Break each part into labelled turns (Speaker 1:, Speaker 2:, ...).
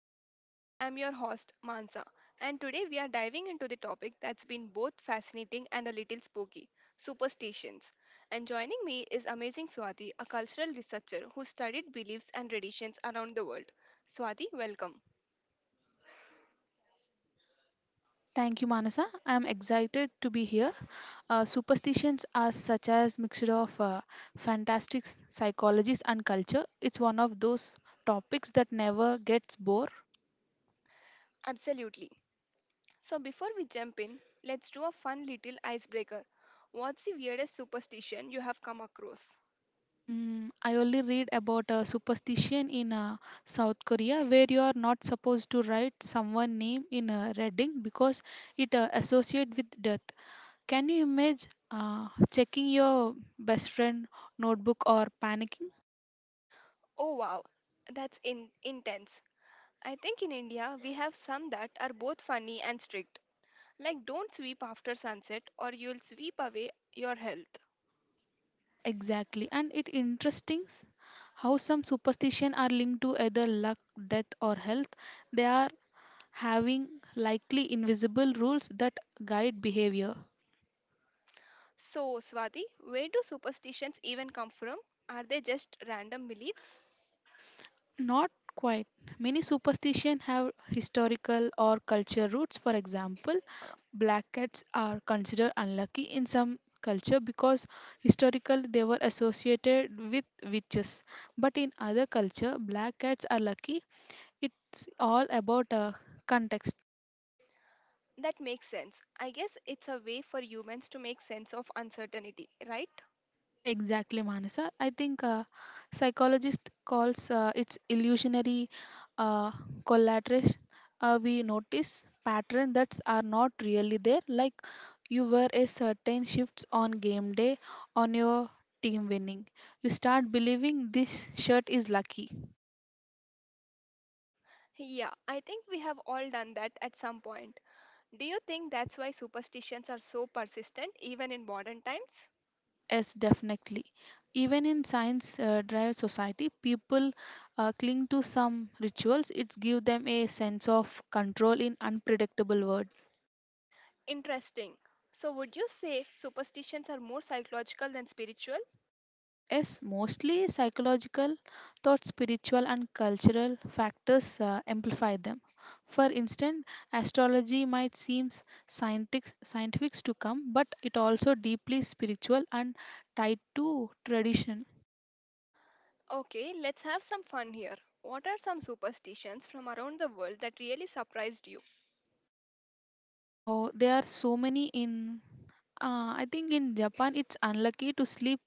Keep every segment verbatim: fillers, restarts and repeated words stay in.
Speaker 1: and Mindsets. I'm your host, Mansa, and today we are diving into the topic that's been both fascinating and a little spooky superstitions. And joining me is amazing Swati, a cultural researcher who studied beliefs and traditions around the world. Swati, welcome.
Speaker 2: Thank you, Manasa. I'm excited to be here. Uh, superstitions are such as mixture of uh, fantastic s- psychologies and culture. It's one of those topics that never gets bored.
Speaker 1: Absolutely. So, before we jump in, let's do a fun little icebreaker. What's the weirdest superstition you have come across?
Speaker 2: Mm, I only read about a superstition in uh, South Korea where you are not supposed to write someone's name in a reading because it uh, associates with death. Can you imagine uh, checking your best friend notebook or panicking?
Speaker 1: Oh wow. That's in- intense. I think in India we have some that are both funny and strict, like don't sweep after sunset or you'll sweep away your health.
Speaker 2: Uh, exactly. And it interesting s- how some superstition are linked to either luck, death or health. They are having likely invisible rules that guide behavior.
Speaker 1: So, Swati, where do superstitions even come from? Are they just random beliefs?
Speaker 2: Not quite. Many superstition have historical or culture roots. For example, black cats are considered unlucky in some culture because historically they were associated with witches. But in other culture, black cats are lucky. It's all about uh, context.
Speaker 1: That makes sense. I guess it's a way for humans to make sense of uncertainty, right?
Speaker 2: Exactly, Manasa. I think uh, psychologist calls uh, it's illusionary uh, collateral. Uh, we notice pattern that are not really there. Like you were a certain shifts on game day on your team winning. You start believing this shirt is lucky.
Speaker 1: Yeah, I think we have all done that at some point. Do you think that's why superstitions are so persistent even in modern times?
Speaker 2: Yes, definitely. Even in science uh, drive society, people uh, cling to some rituals. It gives them a sense of control in unpredictable world.
Speaker 1: Interesting. So, would you say superstitions are more psychological than spiritual?
Speaker 2: Yes, mostly psychological, thought spiritual and cultural factors uh, amplify them. For instance, astrology might seem scientific, scientific to come, but it also deeply spiritual and tied to tradition.
Speaker 1: Okay, let's have some fun here. What are some superstitions from around the world that really surprised you?
Speaker 2: Uh, ho- there are so many in. Uh, I think in Japan, it's unlucky to sleep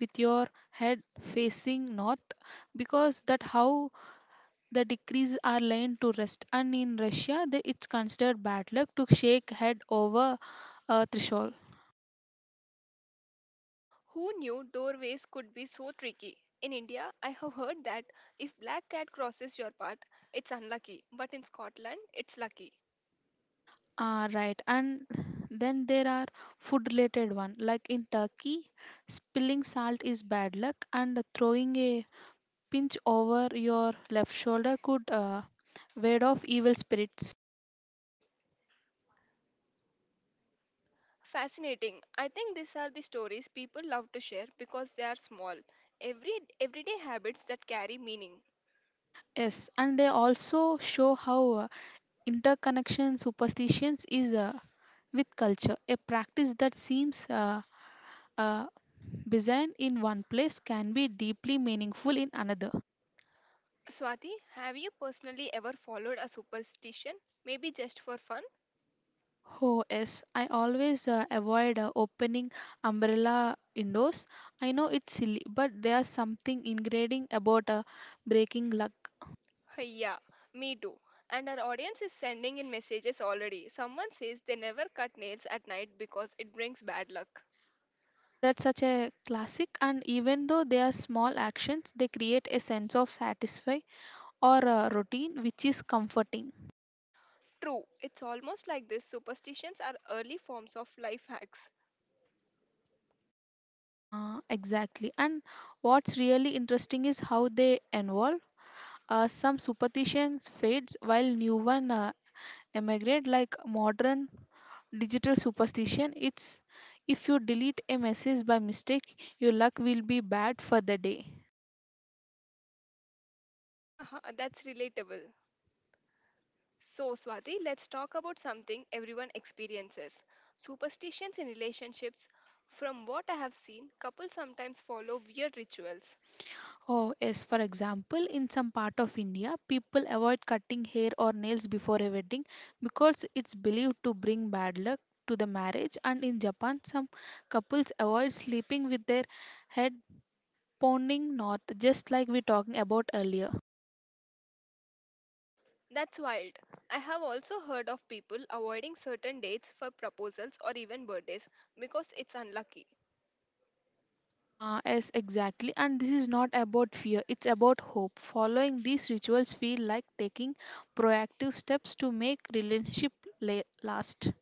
Speaker 2: with your head facing north because that how the decrees are laid to rest, and in Russia the, it's considered bad luck to shake head over a threshold.
Speaker 1: Who knew doorways could be so tricky? In India, I have heard that if black cat crosses your path, it's unlucky, but in Scotland, it's lucky.
Speaker 2: Ah, right. And then there are food related one. Like in Turkey, spilling salt is bad luck and throwing a pinch over your left shoulder could uh, ward off evil spirits.
Speaker 1: Fascinating. I think these are the stories people love to share because they are small, every everyday habits that carry meaning.
Speaker 2: Yes, and they also show how uh, interconnection superstitions is uh, with culture, a practice that seems uh, uh, design in one place can be deeply meaningful in another.
Speaker 1: Swati, have you personally ever followed a superstition? Maybe just for fun?
Speaker 2: Oh, yes, I always uh, avoid uh, opening umbrella windows. I know it's silly, but there's something ingrained about uh, breaking luck.
Speaker 1: Yeah, me too. And our audience is sending in messages already. Someone says they never cut nails at night because it brings bad luck.
Speaker 2: That's such a classic, and even though they are small actions, they create a sense of satisfy or uh, routine, which is comforting.
Speaker 1: True, it's almost like this superstitions are early forms of life hacks.
Speaker 2: Uh, exactly. And what's really interesting is how they evolve. Uh, some superstitions fades while new one uh, emigrate, like modern digital superstition. It's if you delete a message by mistake your luck will be bad for the day.
Speaker 1: Haha, that's relatable. So, Swati, let's talk about something everyone experiences superstitions in relationships. From what I have seen, couples sometimes follow weird rituals.
Speaker 2: Oh yes, for example, in some part of India people avoid cutting hair or nails before a wedding because it's believed to bring bad luck to the marriage, and in Japan some couples avoid sleeping with their head pounding north, just like we talking about earlier.
Speaker 1: That's wild. I have also heard of people avoiding certain dates for proposals or even birthdays because it's unlucky.
Speaker 2: Uh, yes, exactly. And this is not about fear, it's about hope. Following these rituals feel like taking proactive steps to make relationship la- last.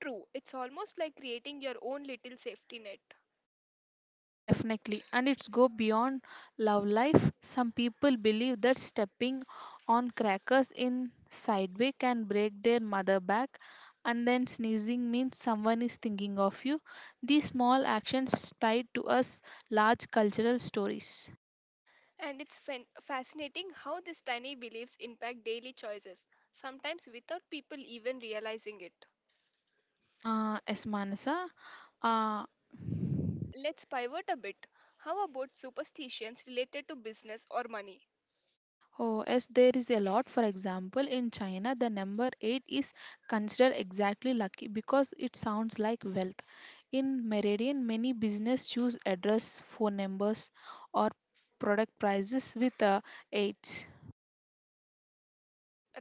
Speaker 1: True, it's almost like creating your own little safety net.
Speaker 2: Definitely. And it's go beyond love life. Some people believe that stepping on crackers in sideway can break their mother back, and then sneezing means someone is thinking of you. These small actions tied to us large cultural stories.
Speaker 1: And it's fan- fascinating how these tiny beliefs impact daily choices, sometimes without people even realizing it.
Speaker 2: Uh, yes, Manasa. Uh,
Speaker 1: Let's pivot a bit. How about superstitions related to business or money?
Speaker 2: oh, yes, there is a lot. For example, in China, the number eight is considered exactly lucky because it sounds like wealth. In Meridian, many business choose address, phone numbers, or product prices with uh, eight.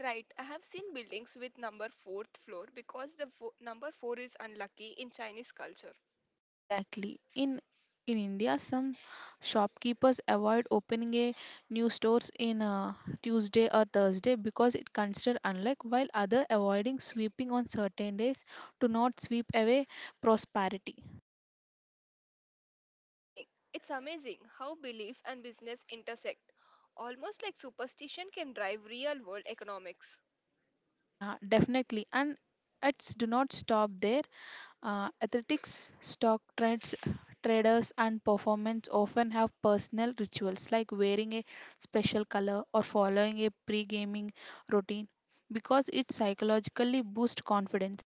Speaker 1: Right, I have seen buildings with number fourth floor because the fo- number four is unlucky in Chinese culture.
Speaker 2: Exactly. In in India, some shopkeepers avoid opening a new stores in uh, Tuesday or Thursday because it considered unlike, while other avoiding sweeping on certain days to not sweep away prosperity.
Speaker 1: Amazing. It's amazing how belief and business intersect. Almost like superstition can drive real world economics.
Speaker 2: Yeah, definitely. And it's do not stop there. Uh, athletics, stock trades, traders, and performance often have personal rituals like wearing a special color or following a pre gaming routine because it psychologically boosts confidence.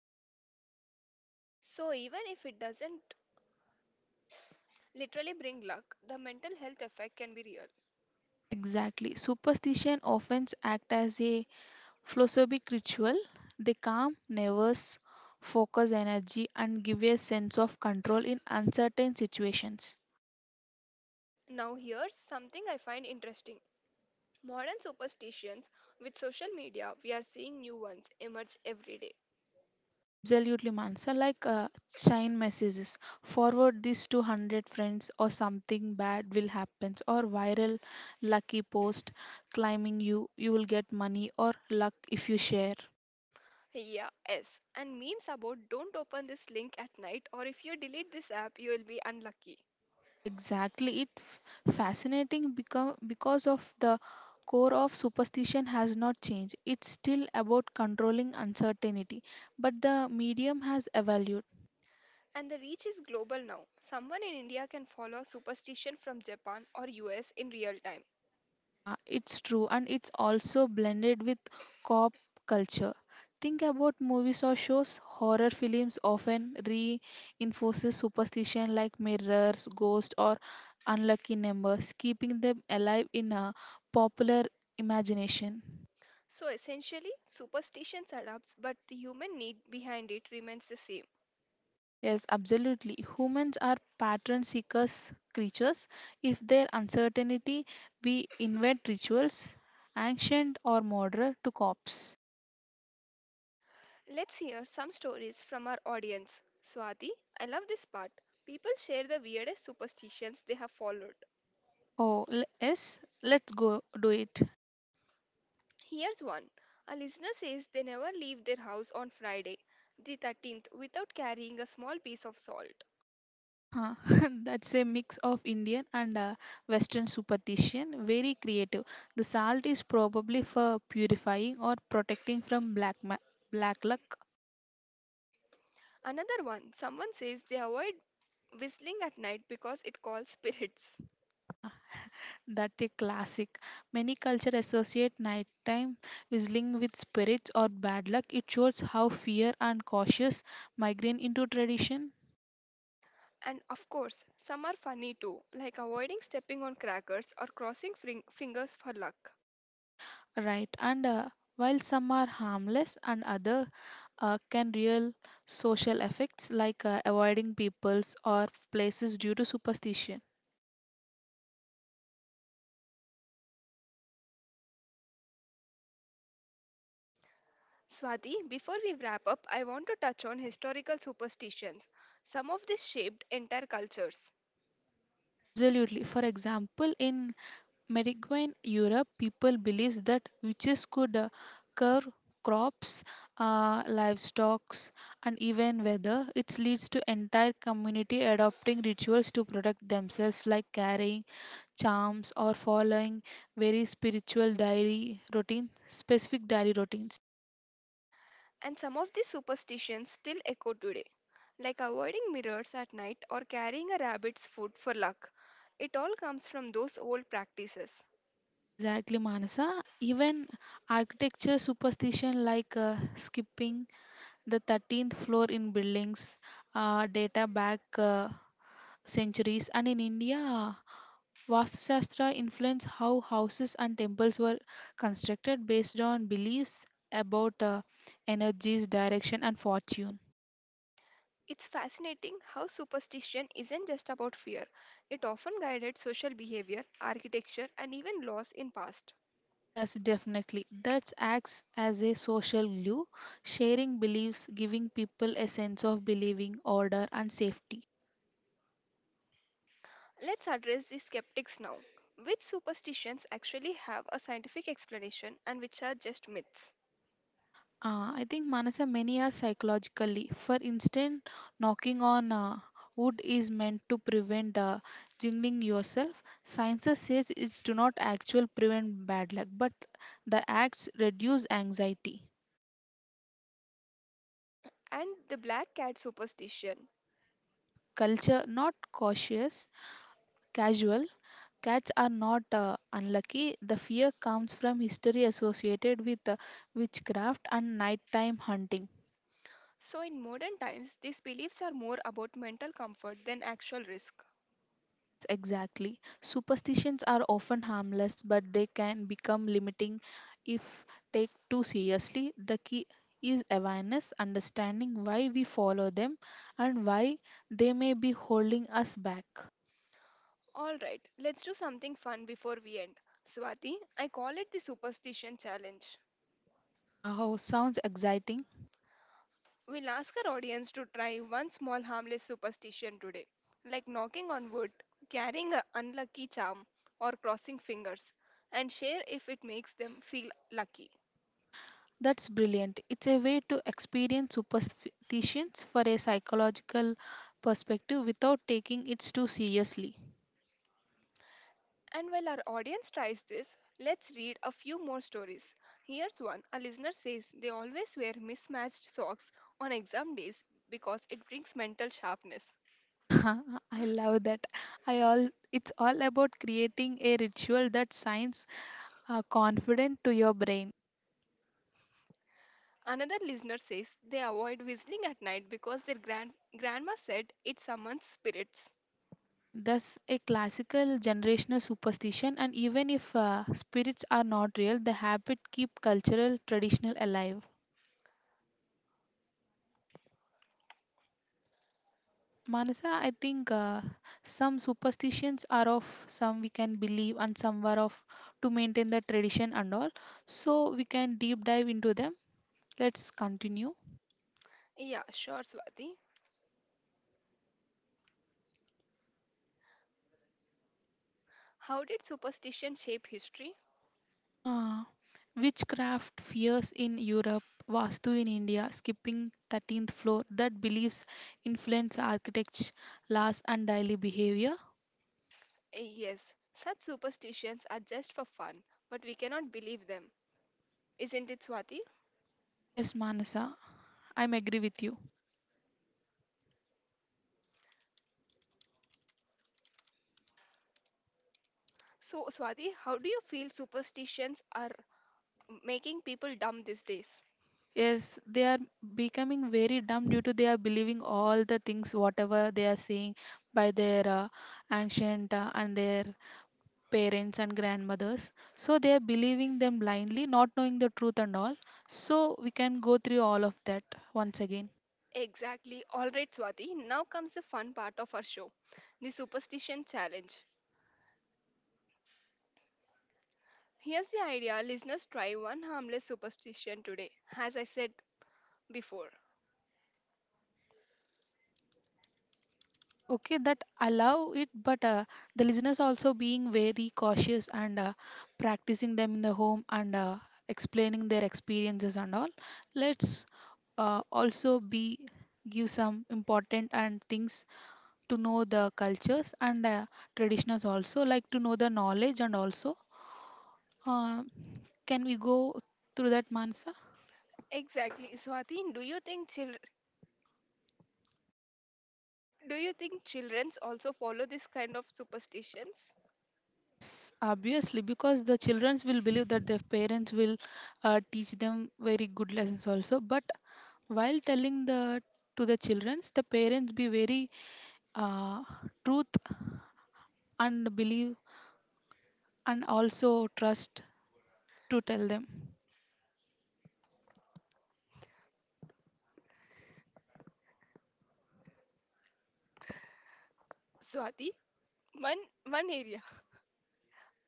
Speaker 1: So, even if it doesn't literally bring luck, the mental health effect can be real.
Speaker 2: Exactly. Superstition often act as a philosophic ritual. They calm nervous, focus energy, and give a sense of control in uncertain situations.
Speaker 1: Now, here's something I find interesting. Modern superstitions with social media, we are seeing new ones emerge every day.
Speaker 2: Absolutely, Mansa. Like uh, chain messages. Forward this to one hundred friends, or something bad will happen, or viral lucky post climbing you you will get money or luck if you share.
Speaker 1: Yeah, yes. And memes about don't open this link at night or if you delete this app, you will be unlucky.
Speaker 2: Exactly. It f- fascinating because because of the core of superstition has not changed. It's still about controlling uncertainty, but the medium has evolved.
Speaker 1: And the reach is global now. Someone in India can follow superstition from Japan or U S in real time.
Speaker 2: Yeah, it's true, and it's also blended with cop culture. Think about movies or shows. Horror films often reinforces superstition like mirrors, ghosts, or unlucky numbers, keeping them alive in a popular imagination.
Speaker 1: So essentially, superstitions adapts, but the human need behind it remains the same.
Speaker 2: Yes, absolutely. Humans are pattern seekers creatures. If there's uncertainty, we invent rituals, ancient or modern, to cope.
Speaker 1: Let's hear some stories from our audience. Swati, I love this part. People share the weirdest superstitions they have followed.
Speaker 2: Oh, l- yes, let's go do it.
Speaker 1: Here's one. A listener says they never leave their house on Friday, the thirteenth, without carrying a small piece of salt.
Speaker 2: Huh. That's a mix of Indian and uh, Western superstition. Very creative. The salt is probably for purifying or protecting from black ma- black luck.
Speaker 1: Another one, someone says they avoid whistling at night because it calls spirits.
Speaker 2: Ah, that a classic. Many cultures associate nighttime whistling with spirits or bad luck. It shows how fear and cautious migrate into tradition.
Speaker 1: And of course, some are funny too, like avoiding stepping on crackers or crossing fring- fingers for luck.
Speaker 2: Right, and uh, while some are harmless and other uh, can real social effects like uh, avoiding peoples or places due to superstition.
Speaker 1: Swati, before we wrap up, I want to touch on historical superstitions. Some of these shaped entire cultures,
Speaker 2: Absolutely. For example, in Mediterranean Europe people believes that witches could uh, curb crops, uh, livestock, and even weather. It leads to entire community adopting rituals to protect themselves, like carrying charms or following very spiritual diary routine, specific diary routines.
Speaker 1: and some of these superstitions still echo today, like avoiding mirrors at night or carrying a rabbit's foot for luck. It all comes from those old practices.
Speaker 2: Exactly, Manasa. Even architecture superstition like uh, skipping the thirteenth floor in buildings uh, data back uh, centuries. And in India, Vastu influenced how houses and temples were constructed based on beliefs about uh, energies, direction, and fortune.
Speaker 1: It's fascinating how superstition isn't just about fear. It often guided social behavior, architecture, and even laws in past.
Speaker 2: Yes, definitely. That acts as a social glue, sharing beliefs, giving people a sense of believing, order, and safety.
Speaker 1: Let's address the skeptics now. Which superstitions actually have a scientific explanation and which are just myths?
Speaker 2: Uh, I think Manasa, many are psychologically. For instance, knocking on uh, wood is meant to prevent uh, jingling yourself. Science says it's do not actually prevent bad luck, but the acts reduce anxiety.
Speaker 1: And the black cat superstition.
Speaker 2: Uh, Culture not cautious, casual. Cats are not uh, unlucky. The fear comes from history associated with uh, witchcraft and nighttime hunting.
Speaker 1: So in modern times, these beliefs are more about mental comfort than actual risk.
Speaker 2: Yes, exactly. Superstitions are often harmless, but they can become limiting if take too seriously. The key is awareness, understanding why we follow them and why they may be holding us back.
Speaker 1: All right, let's do something fun before we end. Swati, I call it the superstition challenge.
Speaker 2: Yeah, oh, sounds exciting.
Speaker 1: We'll ask our audience to try one small harmless superstition today, like knocking on wood, carrying an unlucky charm, or crossing fingers, and share if it makes them feel lucky.
Speaker 2: That's brilliant. It's a way to experience superstitions for a psychological perspective without taking it too seriously.
Speaker 1: And while our audience tries this, let's read a few more stories. Here's one a listener says they always wear mismatched socks on exam days because it brings mental sharpness.
Speaker 2: I love that. I all it's all about creating a ritual that signs uh, confident to your brain.
Speaker 1: Another listener says they avoid whistling at night because their grand- grandma said it summons spirits.
Speaker 2: Thus, a classical generational superstition, and even if uh, spirits are not real, the habit keep cultural traditional alive. Manasa, I think uh, some superstitions are of some we can believe and some were of to maintain the tradition and all. So we can deep dive into them. Let's continue.
Speaker 1: Yeah, sure, Swati. How did superstition shape history?
Speaker 2: Ah, witchcraft fears in Europe, Vastu in India, skipping thirteenth floor that beliefs influence architecture, laws, and daily behavior.
Speaker 1: Eh, yes, such superstitions are just for fun, but we cannot believe them. Isn't it, Swati?
Speaker 2: Yes, Manasa, I'm agree with you.
Speaker 1: So, Swati, how do you feel superstitions are making people dumb these days?
Speaker 2: Yes, they are becoming very dumb due to they are believing all the things whatever they are saying by their uh, ancient uh, and their parents and grandmothers. So they are believing them blindly, not knowing the truth and all. So we can go through all of that once again.
Speaker 1: Exactly. All right, Swati, now comes the fun part of our show the superstition challenge. Here's the idea listeners try one harmless superstition today, as I said before.
Speaker 2: Okay, that allow it, but uh, the listeners also being very cautious and uh, practicing them in the home and uh, explaining their experiences and all. Let's uh, also be give some important and things to know the cultures and uh, traditions, also like to know the knowledge, and also uh, can we go through that, Mansa?
Speaker 1: Exactly. Swati, do you think chil- do you think children also follow this kind of superstitions?
Speaker 2: Yes, obviously, because the children will believe that their parents will uh, teach them very good lessons also. But while telling the to the children, the parents be very uh, truth and believe and also trust to tell them.
Speaker 1: Swati, one one area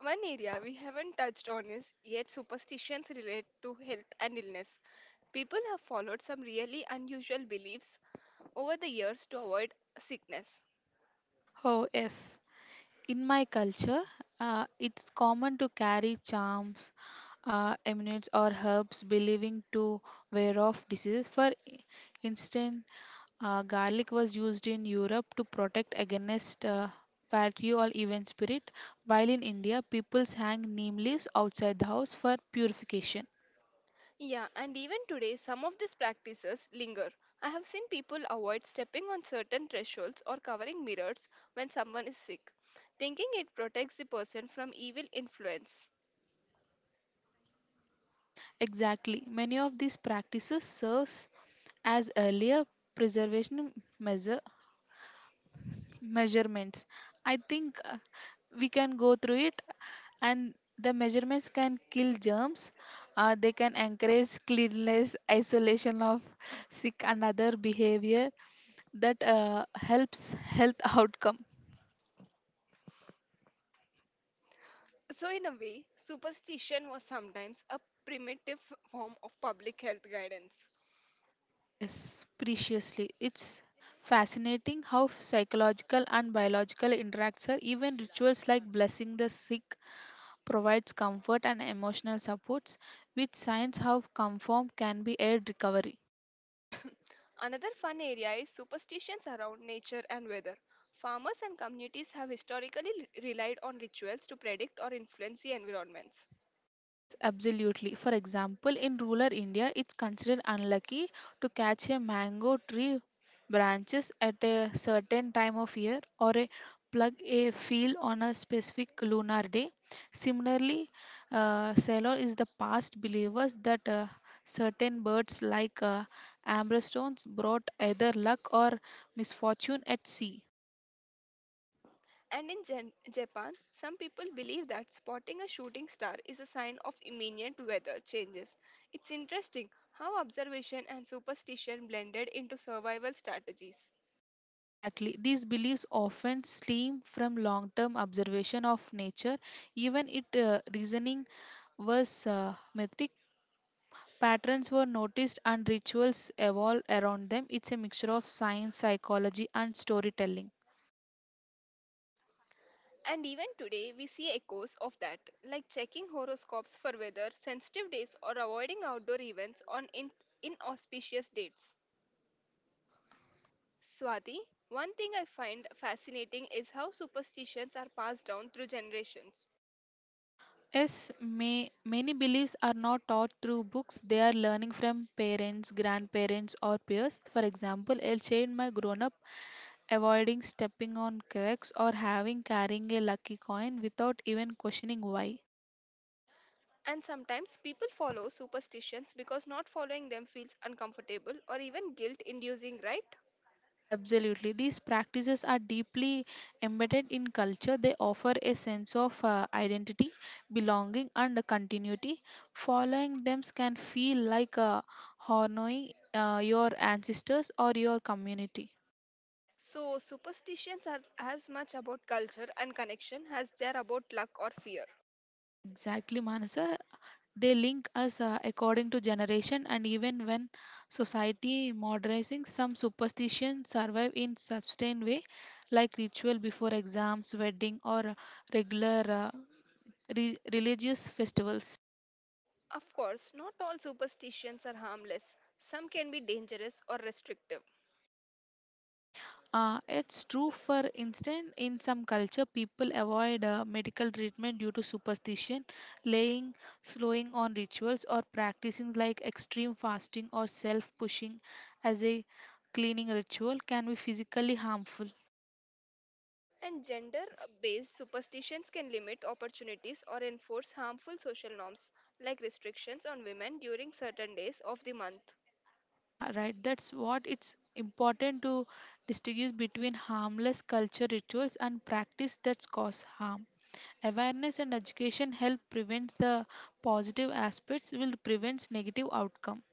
Speaker 1: one area we haven't touched on is yet superstitions relate to health and illness. People have followed some really unusual beliefs over the years to avoid sickness.
Speaker 2: Oh yes, in my culture, uh, it's common to carry charms, uh, amulets, or herbs, believing to ward off diseases. For instance, Uh, garlic was used in Europe to protect against uh, battery or evil spirit, while in India, people hang neem leaves outside the house for purification.
Speaker 1: Yeah, and even today, some of these practices linger. I have seen people avoid stepping on certain thresholds or covering mirrors when someone is sick, thinking it protects the person from evil influence.
Speaker 2: Exactly, many of these practices serves as earlier preservation measure measurements. I think uh, we can go through it, and the measurements can kill germs. Uh, they can encourage cleanliness isolation of sick and other behavior that uh, helps health outcome.
Speaker 1: So, in a way, superstition was sometimes a primitive form of public health guidance.
Speaker 2: Yes, preciously, it's fascinating how psychological and biological interacts are, even rituals like blessing the sick provides comfort and emotional supports, which science have confirmed can be aid recovery.
Speaker 1: Another fun area is superstitions around nature and weather. Farmers and communities have historically l- relied on rituals to predict or influence the environments.
Speaker 2: Yes, absolutely. For example, in rural India, it's considered unlucky to catch a mango tree branches at a certain time of year or a plug a field on a specific lunar day. Similarly, uh, Sailor is the past believers that uh, certain birds like uh, amber stones brought either luck or misfortune at sea.
Speaker 1: And in Jan- Japan, some people believe that spotting a shooting star is a sign of imminent weather changes. It's interesting how observation and superstition blended into survival strategies.
Speaker 2: Exactly. These beliefs often stem from long term observation of nature. Even its uh, reasoning was uh, mythic. Patterns were noticed and rituals evolved around them. It's a mixture of science, psychology, and storytelling.
Speaker 1: And even today, we see echoes of that, like checking horoscopes for weather, sensitive days, or avoiding outdoor events on in- inauspicious dates. Swati, one thing I find fascinating is how superstitions are passed down through generations.
Speaker 2: Yes, may, many beliefs are not taught through books. They are learning from parents, grandparents, or peers. For example, a child might grown up avoiding stepping on cracks or having carrying a lucky coin without even questioning why.
Speaker 1: And sometimes people follow superstitions because not following them feels uncomfortable or even guilt inducing, right?
Speaker 2: Absolutely. These practices are deeply embedded in culture. They offer a sense of uh, identity, belonging, and continuity. Following them can feel like uh, honoring uh, your ancestors or your community.
Speaker 1: So, superstitions are as much about culture and connection as they are about luck or fear.
Speaker 2: Exactly, Manasa. They link us uh, according to generation, and even when society modernizing, some superstitions survive in sustained way, like ritual before exams, wedding, or uh, regular uh, re- religious festivals.
Speaker 1: Of course, not all superstitions are harmless. Some can be dangerous or restrictive.
Speaker 2: Uh, it's true, for instance, in some culture, people avoid uh, medical treatment due to superstition, laying, slowing on rituals, or practicing like extreme fasting or self pushing as a cleaning ritual can be physically harmful.
Speaker 1: And gender based superstitions can limit opportunities or enforce harmful social norms, like restrictions on women during certain days of the month.
Speaker 2: Yeah, right. That's what it's important to distinguish between harmless culture rituals and practice that cause harm. Awareness and education help prevents the positive aspects will prevents negative outcome.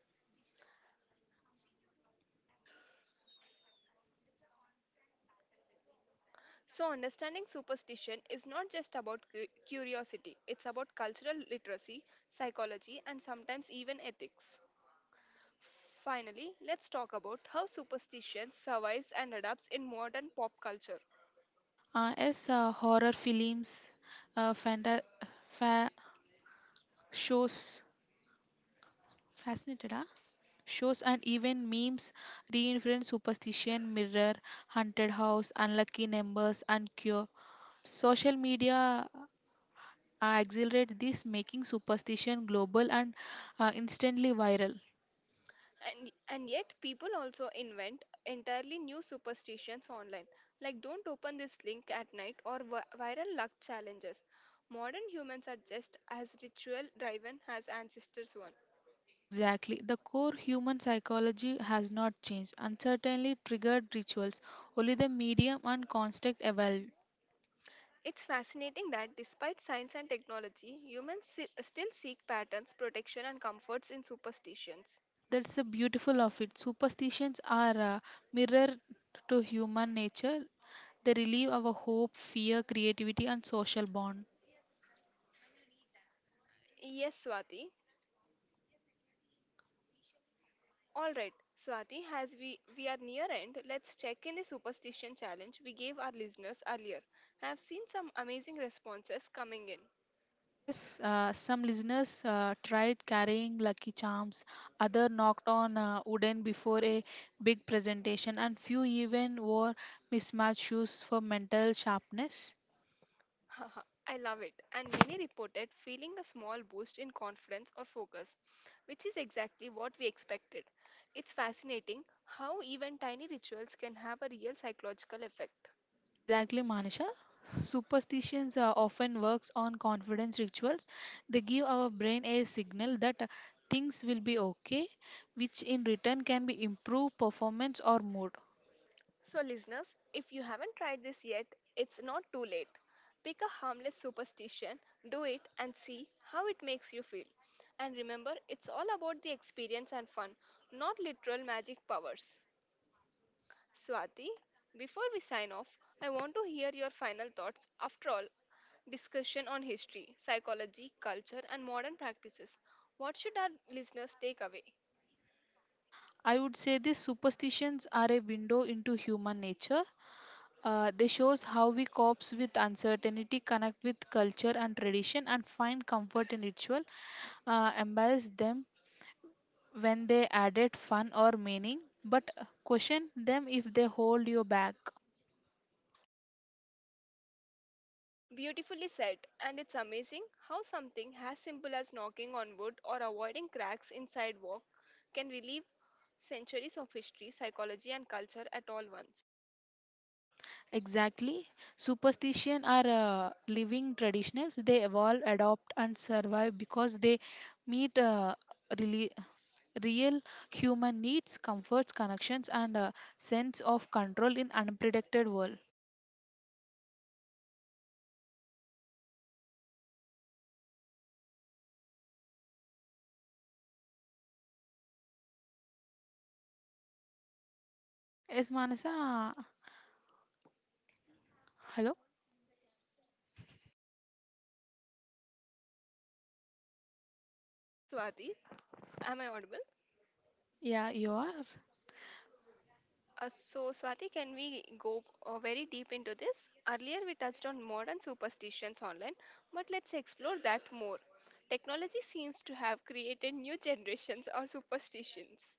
Speaker 1: So, understanding superstition is not just about cu- curiosity, it's about cultural literacy, psychology, and sometimes even ethics. Finally, let's talk about how superstition survives and adapts in modern pop culture.
Speaker 2: Uh, as uh, horror films, uh, fanta- fa- shows, fascinated, huh? Shows and even memes reinforce superstition, mirror, haunted house, unlucky numbers, and cure. Social media uh, accelerate this, making superstition global and uh, instantly viral.
Speaker 1: And, and yet, people also invent entirely new superstitions online, like don't open this link at night or vi- viral luck challenges. Modern humans are just as ritual driven as ancestors were.
Speaker 2: Exactly. The core human psychology has not changed. Uncertainly triggered rituals, only the medium and constant evolve.
Speaker 1: It's fascinating that despite science and technology, humans si- still seek patterns, protection, and comforts in superstitions.
Speaker 2: That's the beautiful of it. Superstitions are a mirror to human nature. They relieve our hope, fear, creativity, and social bond.
Speaker 1: Yes, Swati, all right, Swati, as we, we are near end, let's check in the superstition challenge we gave our listeners earlier. I have seen some amazing responses coming in.
Speaker 2: Yes, uh, some listeners uh, tried carrying lucky charms, other knocked on uh, wooden before a big presentation, and few even wore mismatched shoes for mental sharpness.
Speaker 1: Haha, I love it. And many reported feeling a small boost in confidence or focus, which is exactly what we expected. It's fascinating how even tiny rituals can have a real psychological effect.
Speaker 2: Exactly, Manisha. Superstitions uh, often works on confidence rituals. They give our brain a signal that uh, things will be okay, which in return can be improve performance or mood.
Speaker 1: So, listeners, if you haven't tried this yet, it's not too late. Pick a harmless superstition, do it, and see how it makes you feel. And remember, it's all about the experience and fun, not literal magic powers. Swati, before we sign off, I want to hear your final thoughts. After all, discussion on history, psychology, culture, and modern practices. What should our listeners take away?
Speaker 2: I would say these superstitions are a window into human nature. Uh, they shows how we copes with uncertainty, connect with culture and tradition, and find comfort in ritual. Uh, embrace them when they added fun or meaning, but uh, question them if they hold you back.
Speaker 1: Beautifully said, and it's amazing how something as simple as knocking on wood or avoiding cracks in sidewalk can relieve centuries of history, psychology, and culture at all once.
Speaker 2: Exactly. Superstition are uh, living traditions. They evolve, adopt, and survive because they meet uh, really real human needs, comforts, connections, and a sense of control in unpredicted world. Yes, Manasa. Hello.
Speaker 1: Yes, Swati, am I audible?
Speaker 2: Yeah, you are.
Speaker 1: Uh, so, Swati, can we go uh, very deep into this? Earlier, we touched on modern superstitions online, but let's explore that more. Technology seems to have created new generations or superstitions.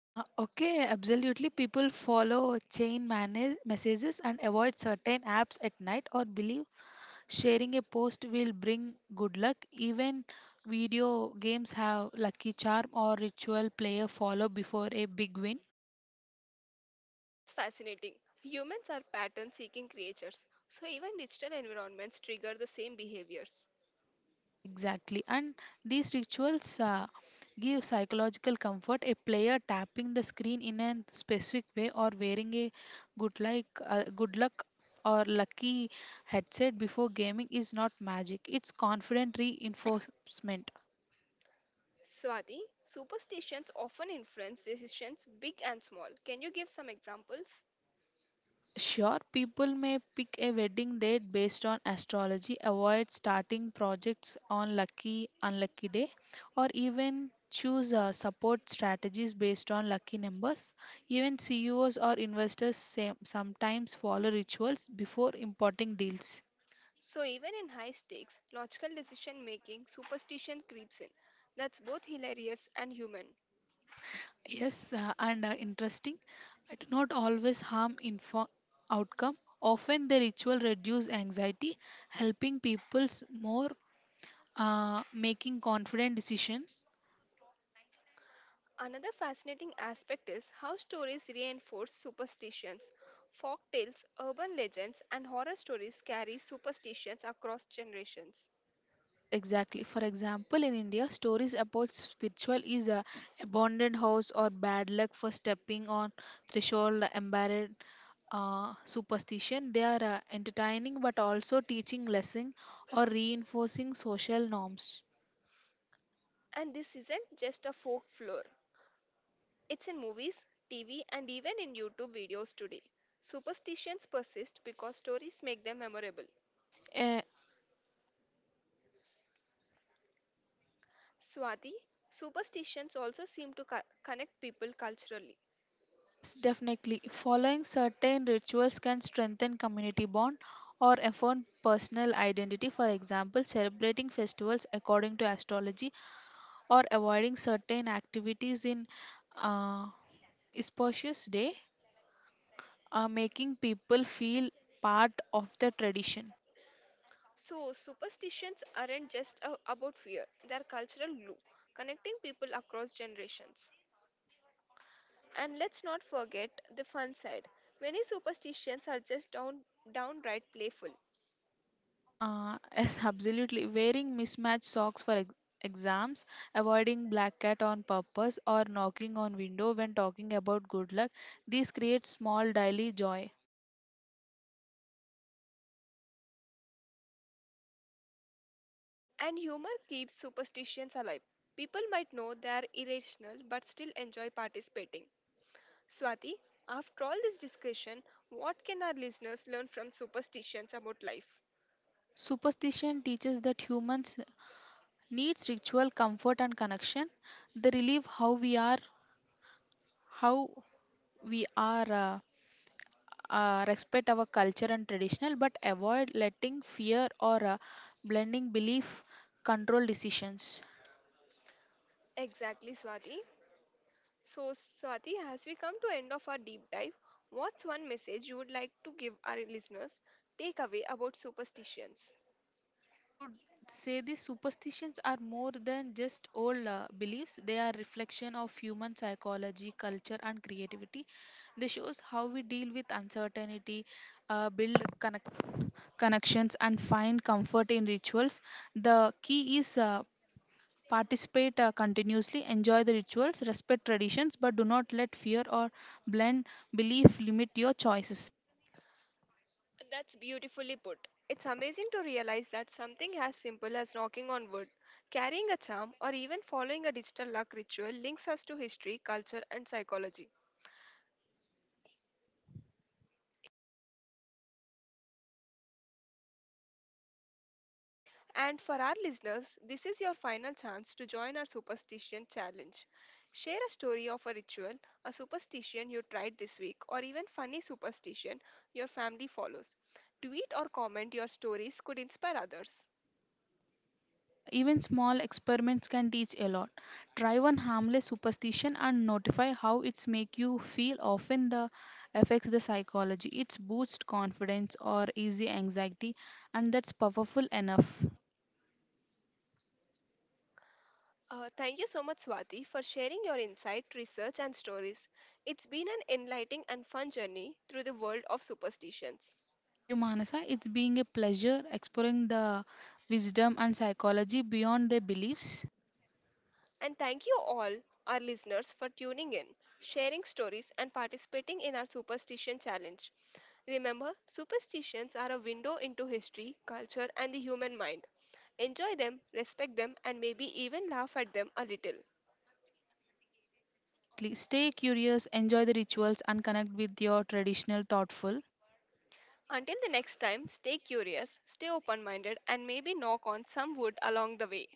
Speaker 2: Uh, okay, absolutely. People follow chain man- messages and avoid certain apps at night or believe sharing a post will bring good luck. Even video games have lucky charm or ritual player follow before a big win.
Speaker 1: That's fascinating. Humans are pattern seeking creatures, so even digital environments trigger the same behaviors.
Speaker 2: Yes, exactly. And these rituals uh, give psychological comfort. A player tapping the screen in a specific way or wearing a good like uh, good luck or lucky headset before gaming is not magic. It's confident reinforcement.
Speaker 1: Swati, superstitions often influence decisions big and small. Can you give some examples?
Speaker 2: Sure, people may pick a wedding date based on astrology, avoid starting projects on lucky, unlucky day, or even choose uh, support strategies based on lucky numbers. Even C E Os or investors same, sometimes follow rituals before importing deals.
Speaker 1: So, even in high stakes, logical decision making, superstition creeps in. That's both hilarious and human.
Speaker 2: Yes, uh, and uh, interesting, I do not always harm info outcome. Often the ritual reduce anxiety, helping people's more uh, making confident decision.
Speaker 1: Another fascinating aspect is how stories reinforce superstitions. Folk tales, urban legends, and horror stories carry superstitions across generations.
Speaker 2: Yes, exactly. For example, in India, stories about spiritual is a abandoned house or bad luck for stepping on threshold, embarrassed uh, superstition. They are uh, entertaining but also teaching lesson or reinforcing social norms.
Speaker 1: And this isn't just a folk floor, it's in movies, T V, and even in YouTube videos today. Superstitions persist because stories make them memorable.
Speaker 2: Eh,
Speaker 1: Swati, superstitions also seem to co- connect people culturally.
Speaker 2: s- definitely, following certain rituals can strengthen community bond or affirm personal identity. For example, celebrating festivals according to astrology or avoiding certain activities in uh, spacious day uh, making people feel part of the tradition.
Speaker 1: So, superstitions aren't just a- about fear, they're cultural glue, connecting people across generations. And let's not forget the fun side. Many superstitions are just down, downright playful.
Speaker 2: Uh, yes, absolutely wearing mismatched socks for ex- exams, avoiding black cat on purpose or knocking on window when talking about good luck, these create small daily joy.
Speaker 1: And humor keeps superstitions alive. People might know they are irrational but still enjoy participating. Swati, after all this discussion, what can our listeners learn from superstitions about life?
Speaker 2: Superstition teaches that humans needs ritual comfort and connection. They relieve how we are how we are uh, uh, respect our culture and traditional, but avoid letting fear or uh, blending belief control decisions.
Speaker 1: Exactly, Swati. So, Swati, as we come to end of our deep dive, what's one message you would like to give our listeners take away about superstitions?
Speaker 2: I would say these superstitions are more than just old uh, beliefs. They are reflection of human psychology, culture, and creativity. They shows how we deal with uncertainty, uh, build connect- connections, and find comfort in rituals. The key is uh, participate uh, continuously, enjoy the rituals, respect traditions, but do not let fear or blind belief limit your choices.
Speaker 1: That's beautifully put. It's amazing to realize that something as simple as knocking on wood, carrying a charm, or even following a digital luck ritual links us to history, culture, and psychology. And for our listeners, this is your final chance to join our superstition challenge. Share a story of a ritual, a superstition you tried this week, or even funny superstition your family follows. Tweet or comment your stories could inspire others.
Speaker 2: Uh, Even small experiments can teach a lot. Try one harmless superstition and notify how it's make you feel. Often the affects the psychology. It's boost confidence or easy anxiety, and that's powerful enough.
Speaker 1: Uh, thank you so much, Swati, for sharing your insight, research, and stories. It's been an enlightening and fun journey through the world of superstitions.
Speaker 2: Thank you, Manasa. It's being a pleasure exploring the wisdom and psychology beyond their beliefs.
Speaker 1: And thank you all, our listeners, for tuning in, sharing stories, and participating in our superstition challenge. Remember, superstitions are a window into history, culture, and the human mind. Enjoy them, respect them, and maybe even laugh at them a little.
Speaker 2: Exactly. Stay curious, enjoy the rituals, and connect with your traditional thoughtful.
Speaker 1: Until the next time, stay curious, stay open minded, and maybe knock on some wood along the way.